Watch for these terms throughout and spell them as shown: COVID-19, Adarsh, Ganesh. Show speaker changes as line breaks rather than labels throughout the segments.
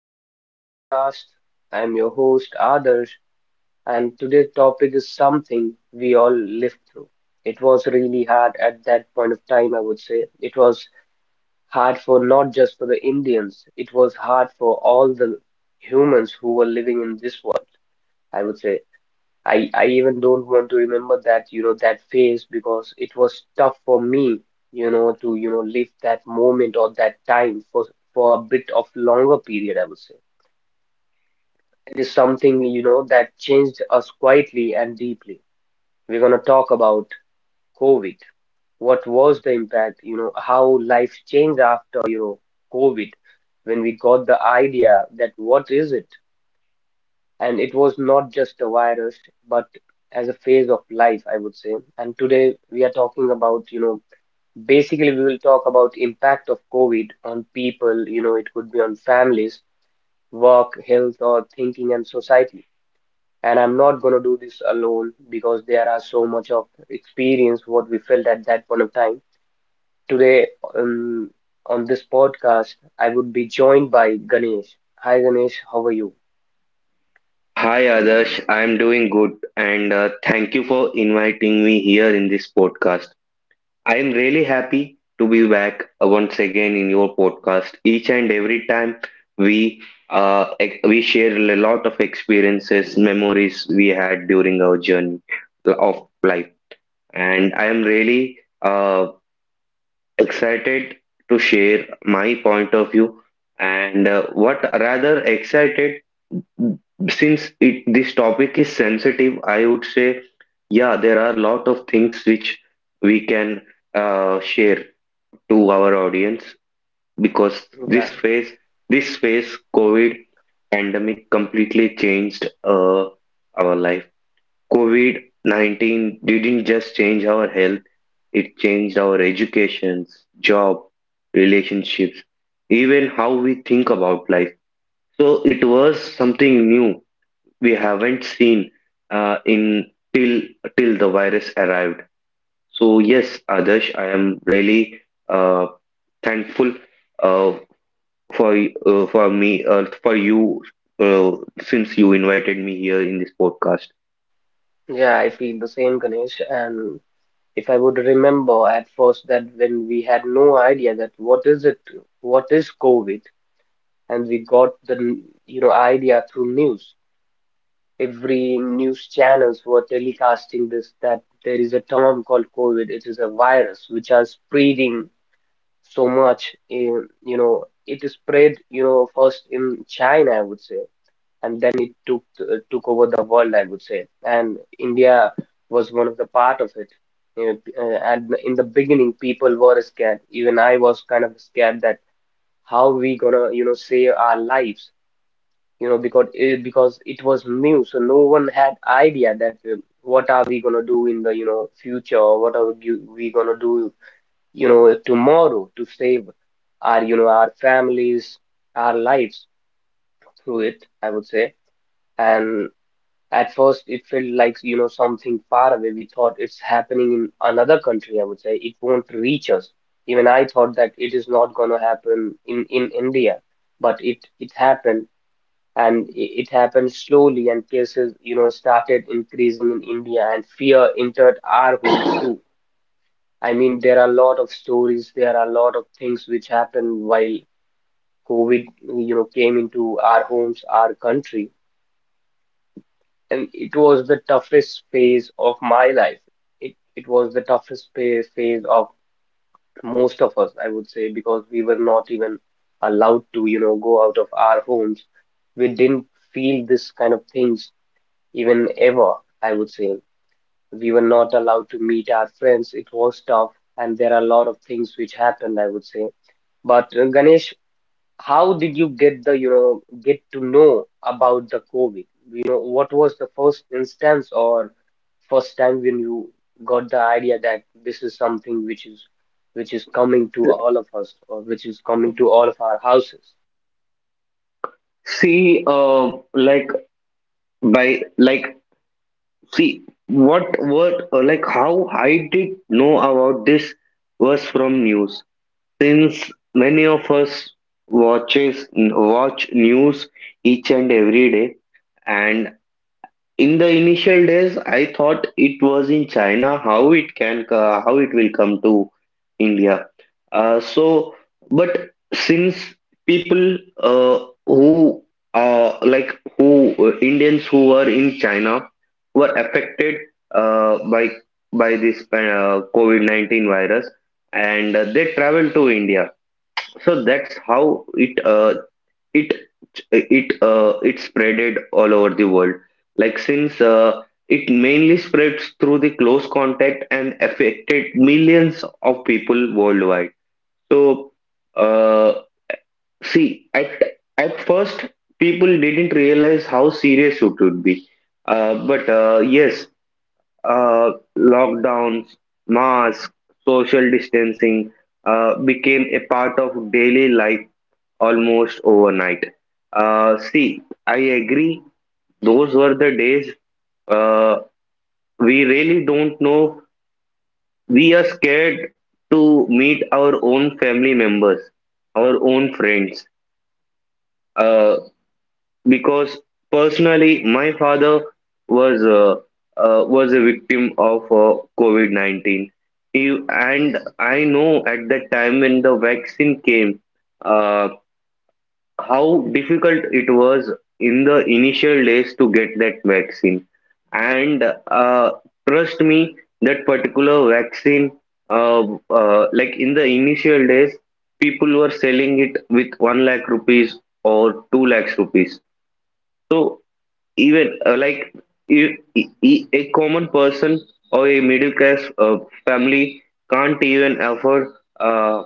to another podcast. I'm your host, Adarsh, and today's topic is something we all lived through. It was really hard at that point of time, I would say. It was hard for not just for the Indians, it was hard for all the humans who were living in this world, I would say. I even don't want to remember that, that phase because it was tough for me, you know, to live that moment or that time for a bit of longer period, I would say. It is something, that changed us quietly and deeply. We're gonna talk about COVID. What was the impact, how life changed after, COVID, when we got the idea that what is it? And it was not just a virus but as a phase of life, I would say. And today we are talking about, basically we will talk about impact of COVID on people. You know, it could be on families, work, health, or thinking and society. And I'm not going to do this alone because there are so much of experience what we felt at that point of time today. um, on this podcast I would be joined by Ganesh. Hi Ganesh, how are you?
Hi Adarsh, I'm doing good and thank you for inviting me here in this podcast. I am really happy to be back once again in your podcast. Each and every time we we share a lot of experiences, memories we had during our journey of life, and I am really excited to share my point of view and what rather excited, since it this topic is sensitive, I would say. Yeah, there are a lot of things which we can share to our audience, because
Yeah
this phase, COVID pandemic completely changed our life. COVID-19 didn't just change our health, it changed our educations, job, relationships, even how we think about life. So it was something new we haven't seen in till till the virus arrived. So yes, Adarsh, I am really uh, thankful uh, for you, uh, since you invited me here in this podcast.
Yeah, I feel the same, Ganesh. And if I would remember at first that when we had no idea that what is it, what is COVID, and we got the idea through news. Every news channels were telecasting this that there is a term called COVID. It is a virus which are spreading so much in, it is spread, first in China, I would say, and then it took over the world, I would say. And India was one of the part of it. And in the beginning, people were scared. Even I was kind of scared that how we gonna, save our lives, because it was new, so no one had idea that what are we gonna do in the, future, or what are we gonna do, tomorrow to save our, our families, our lives through it, I would say. And at first, it felt like, something far away. We thought it's happening in another country, I would say. It won't reach us. Even I thought that it is not going to happen in India, but it happened, and it happened slowly, and cases, started increasing in India, and fear entered our homes too. I mean, there are a lot of stories, there are a lot of things which happened while COVID, came into our homes, our country, and it was the toughest phase of my life. It was the toughest phase of most of us, I would say, because we were not even allowed to, go out of our homes. We didn't feel this kind of things even ever, I would say. We were not allowed to meet our friends. It was tough, and there are a lot of things which happened, I would say. But Ganesh, how did you get the you know get to know about the COVID? You know, what was the first instance or first time when you got the idea that this is something which is coming to all of us, or which is coming to all of our houses?
See, like by like see what like how I did know about this was from news. Since many of us watch news each and every day, and in the initial days, I thought it was in China. How it will come to India? Uh, so, but since people, who like who Indians who were in China, were affected uh, by by this COVID 19 virus, and they traveled to India. So that's how it it spreaded all over the world. Like, since it mainly spreads through the close contact and affected millions of people worldwide. So uh, see, at first people didn't realize how serious it would be. But yes, uh, lockdowns, masks, social distancing became a part of daily life almost overnight. See, I agree. Those were the days uh, we really don't know. We are scared to meet our own family members, our own friends. Uh, because personally, my father was was a victim of COVID 19. And I know at that time when the vaccine came, uh, how difficult it was in the initial days to get that vaccine. And trust me, that particular vaccine, uh, like in the initial days, people were selling it with 1 lakh rupees or 2 lakhs rupees. So even a common person or a middle class family can't even afford uh,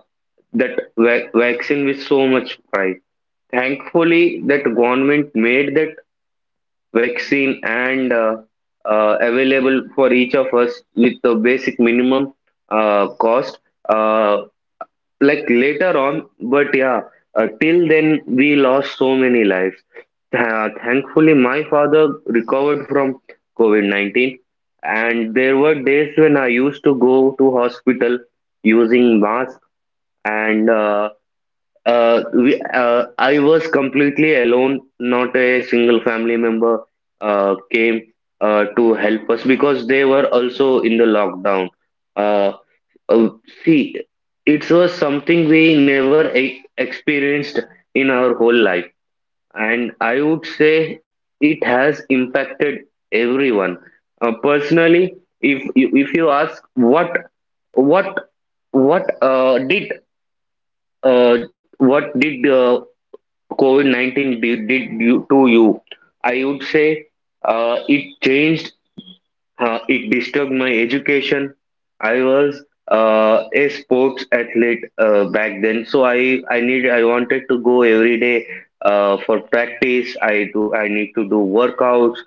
that vaccine with so much price. Thankfully that government made that vaccine and, available for each of us with the basic minimum cost, uh, like later on. But yeah, till then we lost so many lives. Thankfully my father recovered from covid-19, and there were days when I used to go to hospital using mask, and I was completely alone. Not a single family member came to help us, because they were also in the lockdown. Uh, uh, See, it was something we never e experienced in our whole life, and I would say it has impacted everyone. Personally, if you ask what what did uh, what did COVID-19 did you, to you? I would say uh, it changed it disturbed my education. I was a sports athlete back then, so I wanted to go every day for practice. I need to do workouts.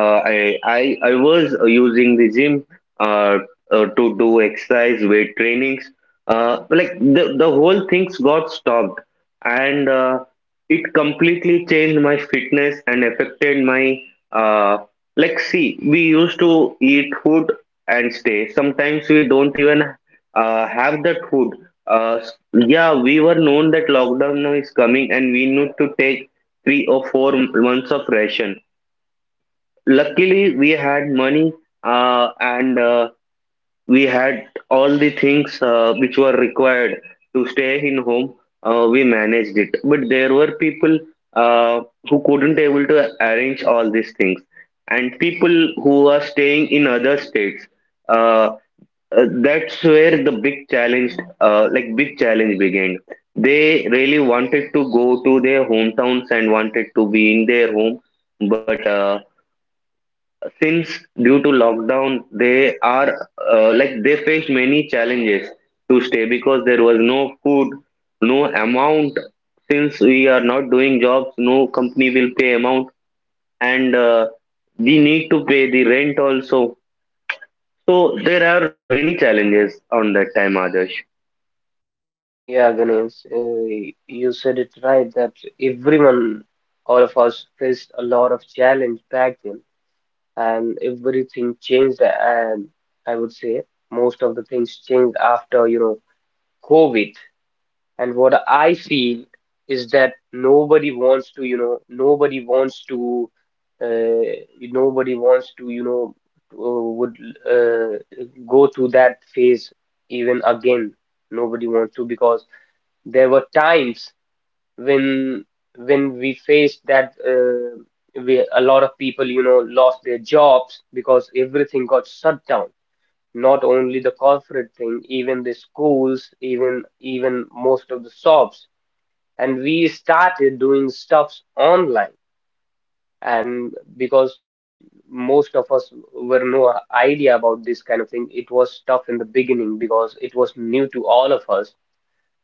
I was using the gym uh, to do exercise, weight trainings. Like the whole things got stopped, and it completely changed my fitness and affected my. uh, like, see, we used to eat food and stay. Sometimes we don't even have that food. Yeah, we were known that lockdown now is coming and we need to take three or four months of ration. Luckily, we had money, and we had all the things which were required to stay in home. Uh, we managed it, but there were people uh, who couldn't able to arrange all these things, and people who are staying in other states, uh, that's where the big challenge, big challenge, began. They really wanted to go to their hometowns and wanted to be in their home, but since due to lockdown, they are like they faced many challenges to stay, because there was no food, no amount. Since we are not doing jobs, no company will pay amount, and we need to pay the rent also. So there are many challenges on that time, Adarsh.
Yeah, Ganesh, you said it right that everyone, all of us faced a lot of challenge back then, and everything changed. And I would say most of the things changed after, COVID. And what I feel is that nobody wants to, you know, nobody wants to, you know, would uh, go through that phase even again. Nobody wants to, because there were times when when we faced that, a lot of people, lost their jobs because everything got shut down. Not only the corporate thing, even the schools, even most of the shops, and we started doing stuffs online, and because most of us were no idea about this kind of thing, it was tough in the beginning because it was new to all of us,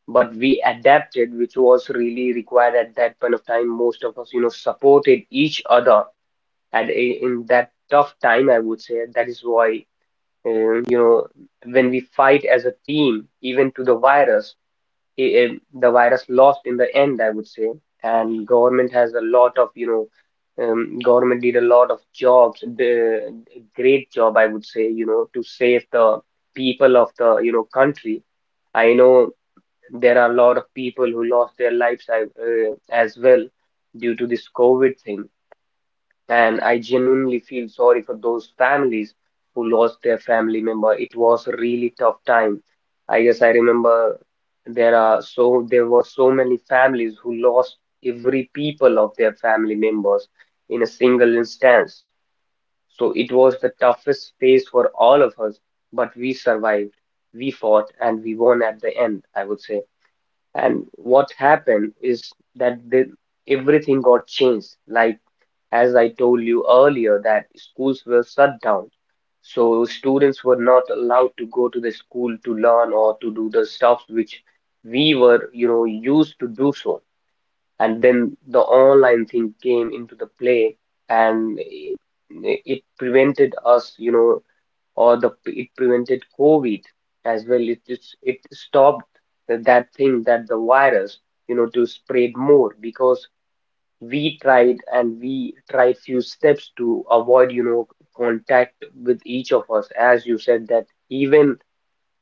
but we adapted, which was really required at that point of time. Most of us, supported each other in that tough time, I would say. That is why, or, when we fight as a team even to the virus, i- i- the virus lost in the end, I would say. And government has a lot of, government did a lot of jobs, the great job, I would say, to save the people of the, country. I know there are a lot of people who lost their lives, as well, due to this COVID thing, and I genuinely feel sorry for those families who lost their family member. It was a really tough time. I guess I remember there are, there were so many families who lost every people of their family members in a single instance. So it was the toughest phase for all of us, but we survived, we fought, and we won at the end, I would say. And what happened is that everything got changed. Like as I told you earlier, that schools were shut down. So students were not allowed to go to the school to learn or to do the stuff which we were, used to do so. And then the online thing came into the play, and it prevented us, or the it prevented COVID as well. It just it stopped that thing, that the virus, to spread more, because we tried few steps to avoid, contact with each of us. As you said that even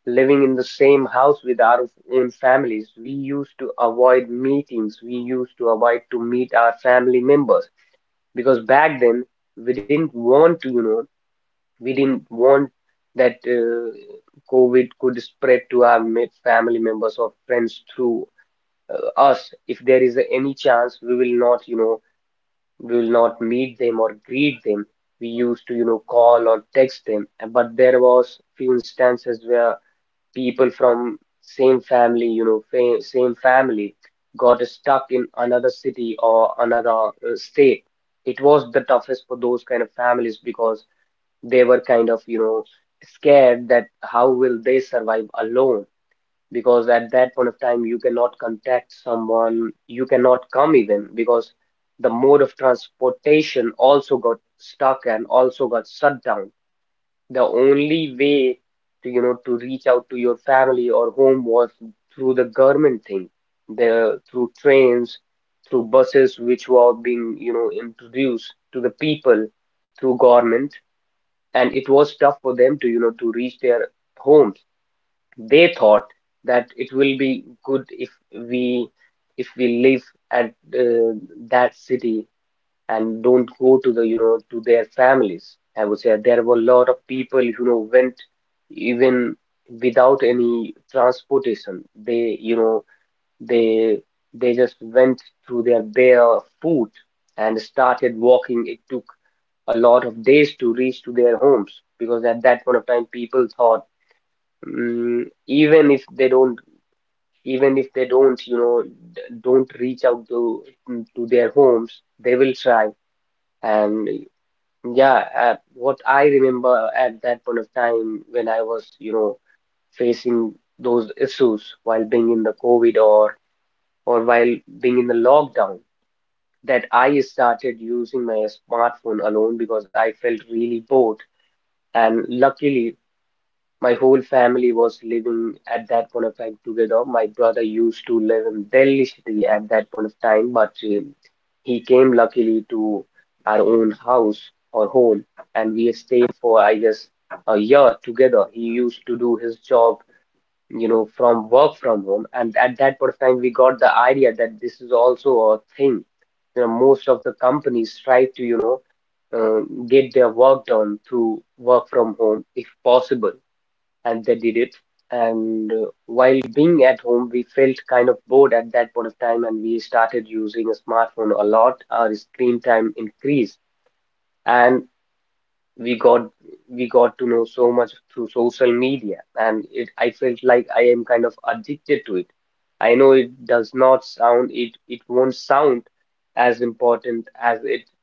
living in the same house with our own families, we used to avoid meetings. We used to avoid to meet our family members because back then we didn't want to, we didn't want that COVID could spread to our family members or friends through us. If there is any chance, we will not, we will not meet them or greet them. We used to, call or text them. But there was few instances where people from same family, same family got stuck in another city or another state. It was the toughest for those kind of families because they were kind of, scared that how will they survive alone? Because at that point of time, you cannot contact someone, you cannot come even because the mode of transportation also got stuck and also got shut down. The only way to, to reach out to your family or home was through the government thing, the through trains, through buses which were being, introduced to the people through government, and it was tough for them to you know to reach their homes. They thought that it will be good we if we live at, uh, that city, and don't go to their families, I would say. There were a lot of people, went even without any transportation. They, they they just went through their bare foot and started walking. It took a lot of days to reach to their homes because at that point of time people thought, even if they don't even if they don't you know reach out to their homes, they will try. And yeah, what I remember at that point of time, when I was, facing those issues while being in the COVID, or while being in the lockdown, that I started using my smartphone alone because I felt really bored. And luckily, my whole family was living at that point of time together. My brother used to live in Delhi city at that point of time, but he came luckily to our own house or home, and we stayed for, I guess, a year together. He used to do his job, from work from home, and at that point of time, we got the idea that this is also a thing. You know, most of the companies try to, uh, get their work done through work from home if possible, and they did it. And while being at home, we felt kind of bored at that point of time, and we started using a smartphone a lot. Our screen time increased, and we got we got to know so much through social media, and it I felt like I am kind of addicted to it. I know it does not sound it it won't sound as important as it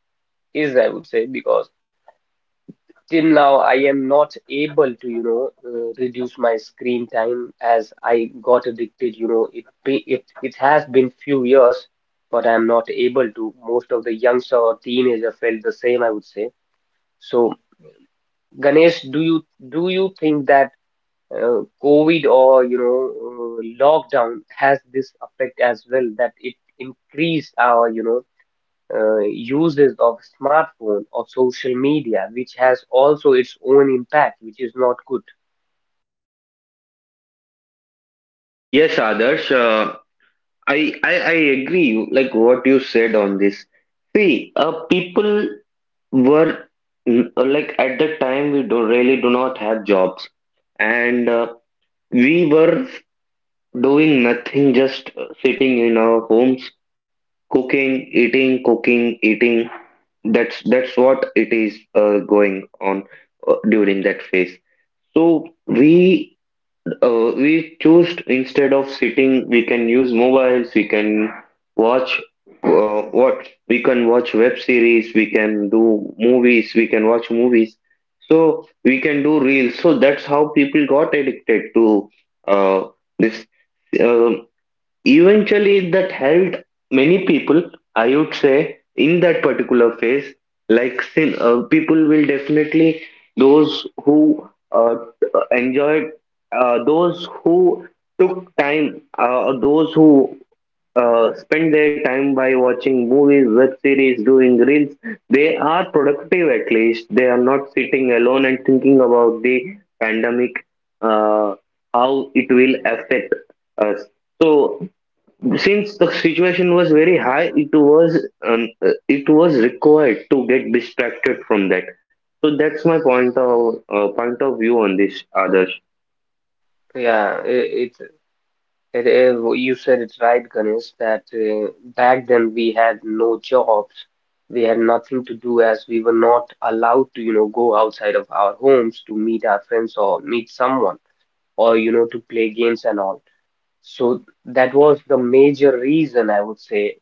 is, I would say, because till now, I am not able to, reduce my screen time as I got addicted. It it has been few years, but I'm not able to. Most of the youngster or teenager felt the same, I would say. So, Ganesh, do you think that COVID or lockdown has this effect as well that it increased our, uses of smartphone or social media, which has also its own impact, which is not good.
Yes, Adarsh, I agree, like what you said on this. See, people were, like, at the time we do really do not have jobs, and we were doing nothing, just sitting in our homes, cooking, eating, that's what it is going on during that phase. So we choose, instead of sitting, we can use mobiles, watch we can watch web series, we can watch movies. So we can do reels, so that's how people got addicted to uh, this. Uh, Eventually, that helped many people, I would say, in that particular phase. Like, people will definitely, those who enjoyed, those who took time, those who spend their time by watching movies, web series, doing reels, they are productive at least. They are not sitting alone and thinking about the pandemic, uh, how it will affect us. So since the situation was very high, it was, required to get distracted from that, so that's my point of view on this, Adarsh.
Yeah, i- it's it, you said it right, Ganesh, that back then we had no jobs, we had nothing to do as we were not allowed to, go outside of our homes to meet our friends or meet someone or, to play games and all. So that was the major reason, I would say,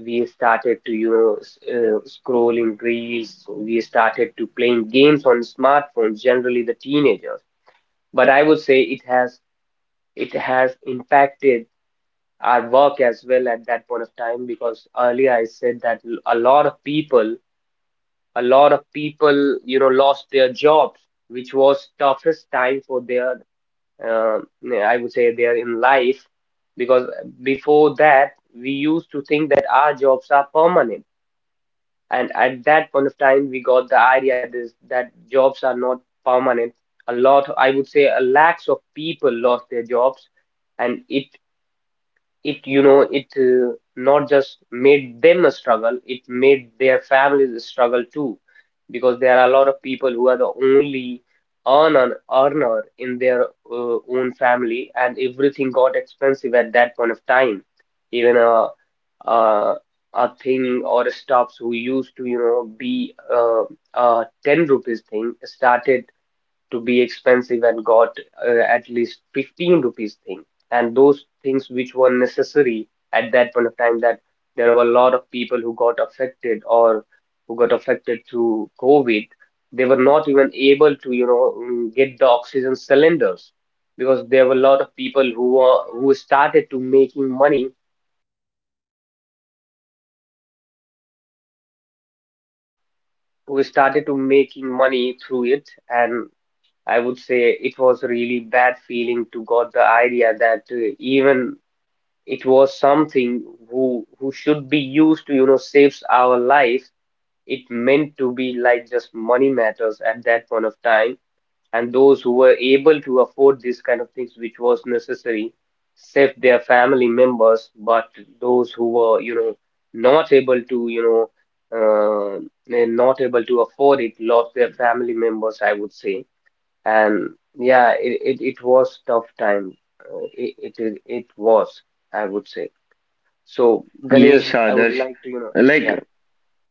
we started to scrolling reels. We started to playing games on smartphones, generally the teenagers, but I would say it has impacted our work as well at that point of time because earlier I said that l- a lot of people a lot of people you know lost their jobs, which was toughest time for their uh, I would say their in life because before that we used to think that our jobs are permanent. And at that point of time, we got the idea this that jobs are not permanent. A lot, I would say, a lakhs of people lost their jobs, and it you know it not just made them a struggle, it made their families a struggle too, because there are a lot of people who are the only earner in their own family, and everything got expensive at that point of time, even uh, a thing or stuffs who used to, you know, be a 10 rupees thing started to be expensive and got at least 15 rupees thing. And those things which were necessary at that point of time, that there were a lot of people who got affected through COVID, they were not even able to, you know, get the oxygen cylinders because there were a lot of people who were, who started to making money. We started to making money through it, and I would say it was a really bad feeling to got the idea that even it was something who should be used to you know saves our life. It meant to be like just money matters at that point of time, and those who were able to afford these kind of things which was necessary saved their family members, but those who were you know not able to uh, not able to afford it lost their family members, I would say. And yeah, it was tough time. It was, I would say. So,
Yes,
Ganesh, I would
Adarsh,
like to you know. Yeah,
like.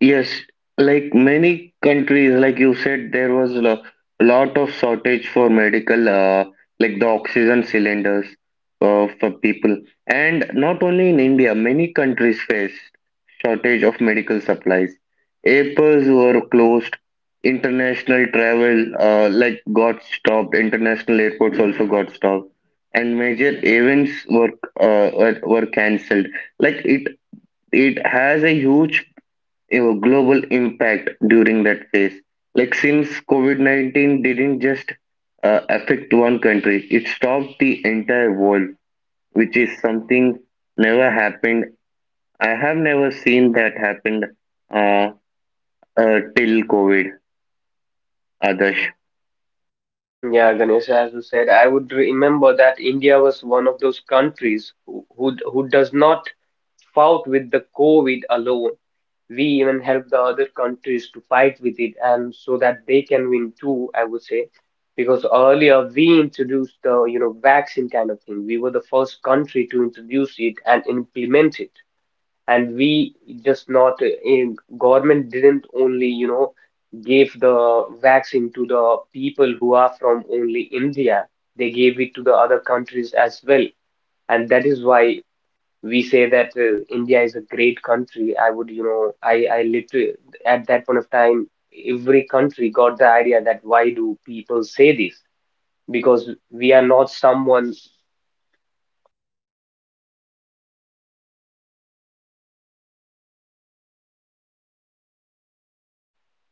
Yes, like many countries, like you said, there was a lot of shortage for medical, the oxygen cylinders for people. And not only in India, many countries faced shortage of medical supplies. Airports were closed. International travel, got stopped. International airports also got stopped, and major events were cancelled. Like, it has a huge your global impact during that phase. Like, since COVID 19 didn't just affect one country, it stopped the entire world, which is something never happened. I have never seen that happened uh, till COVID, others.
yeah, Ganesh, as you said, I would remember that India was one of those countries who does not fought with the COVID alone. We even help the other countries to fight with it, and so that they can win too, I would say. Because earlier we introduced the, you know, vaccine kind of thing. We were the first country to introduce it and implement it. And we just not in government didn't only, you know, gave the vaccine to the people who are from only India. They gave it to the other countries as well. And that is why we say that India is a great country. I would, you know, I literally, at that point of time, every country got the idea that why do people say this? Because we are not someone,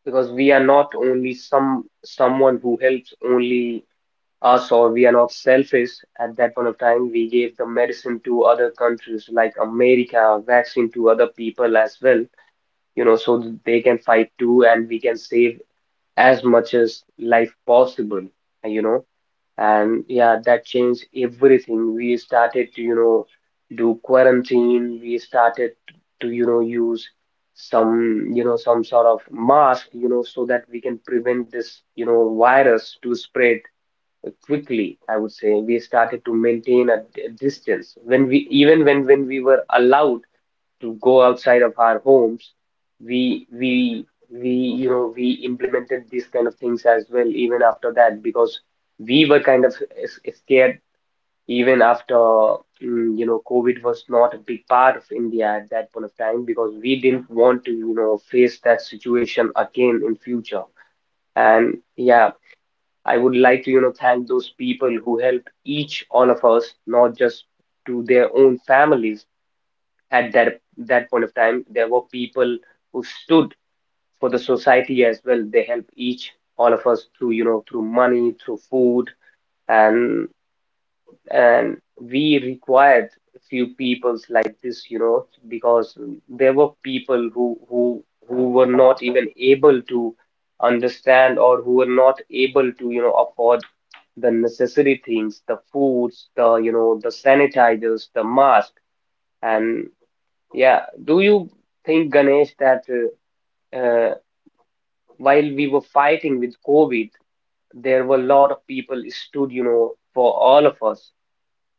because we are not only someone who helps only us, or we are not selfish. At that point of time, we gave the medicine to other countries like America, vaccine to other people as well, you know, so they can fight too, and we can save as much as life possible, you know. And yeah, that changed everything. We started to, you know, do quarantine. We started to, you know, use some, you know, some sort of mask, you know, so that we can prevent this, you know, virus to spread quickly. I would say we started to maintain a distance when even when we were allowed to go outside of our homes, we you know we implemented these kind of things as well even after that because we were kind of scared even after you know COVID was not a big part of India at that point of time because we didn't want to you know face that situation again in future. And yeah, I would like to you know thank those people who helped each all of us, not just to their own families. At that point of time there were people who stood for the society as well. They helped each all of us through you know through money, through food. and and we required few peoples like this you know because there were people who were not even able to understand or who were not able to you know afford the necessary things, the foods, the you know the sanitizers, the mask. And yeah, do you think, Ganesh, that uh, uh, while we were fighting with COVID, there were a lot of people stood, you know, for all of us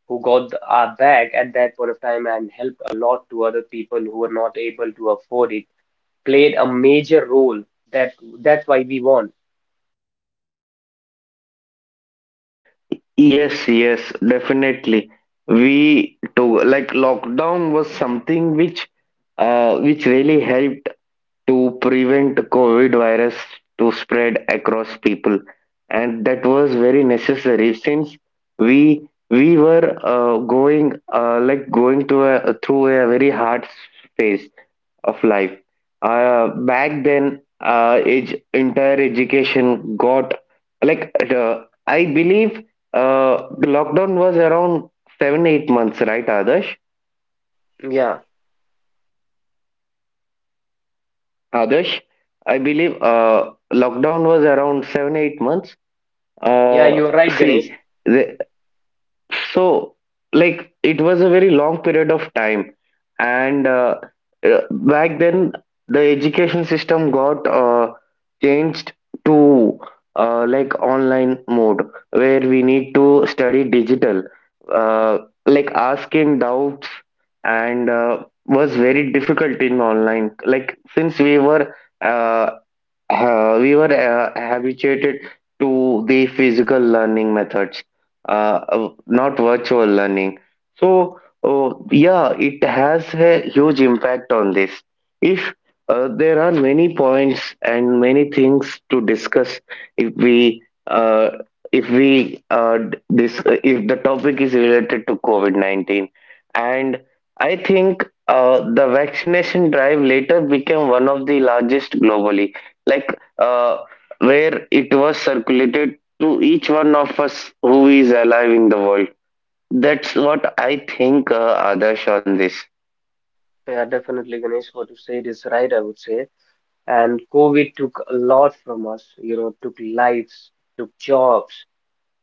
who got the, our back at that point of time and helped a lot to other people who were not able to afford it, played a major role. That that's why we won.
Yes, yes, definitely. We took, like, lockdown was something which, really helped to prevent COVID virus to spread across people, and that was very necessary since we were, going to a, through a very hard phase of life. Back then, age, entire education got, like uh, I believe the lockdown was around 7-8 months, right, Adarsh?
Yeah,
Adarsh, I believe lockdown was around 7-8 months.
yeah,
Uh,
you're right,
See.
Ganesh.
The. So, like, it was a very long period of time, and back then the education system got changed to, like, online mode where we need to study digital. Uh, like, asking doubts and was very difficult in online. Like, since uh, we were habituated to the physical learning methods, uh, not virtual learning. So, yeah, it has a huge impact on this. If there are many points and many things to discuss, if, we if we d- this if the topic is related to COVID 19, and I think the vaccination drive later became one of the largest globally, like, uh, where it was circulated to each one of us who is alive in the world. That's what I think, Adarsh, on this.
Yeah, definitely, Ganesh. What you said is right, I would say. And COVID took a lot from us, you know, took lives, took jobs,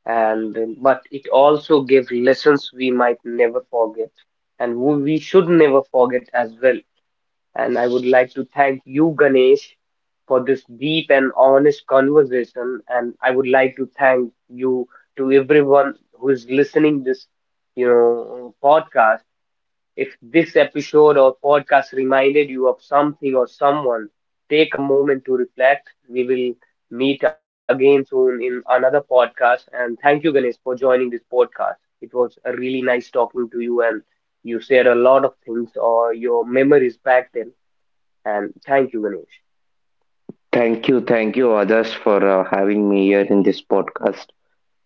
and but it also gave lessons we might never forget and who we should never forget as well. And I would like to thank you, Ganesh, for this deep and honest conversation, and I would like to thank you, to everyone who is listening this you know podcast. If this episode or podcast reminded you of something or someone, take a moment to reflect. We will meet again soon in another podcast. And thank you, Ganesh, for joining this podcast. It was a really nice talking to you, and you shared a lot of things or your memories back then. And thank you, Ganesh.
Thank you, others, for having me here in this podcast.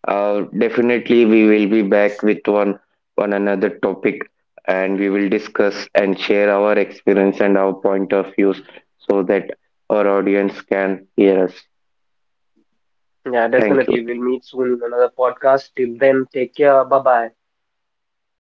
Definitely, we will be back with one another topic, and we will discuss and share our experience and our point of views so that our audience can hear us.
Yeah,
Thank you.
definitely. We'll meet soon in another podcast. Till then, take care. Bye bye.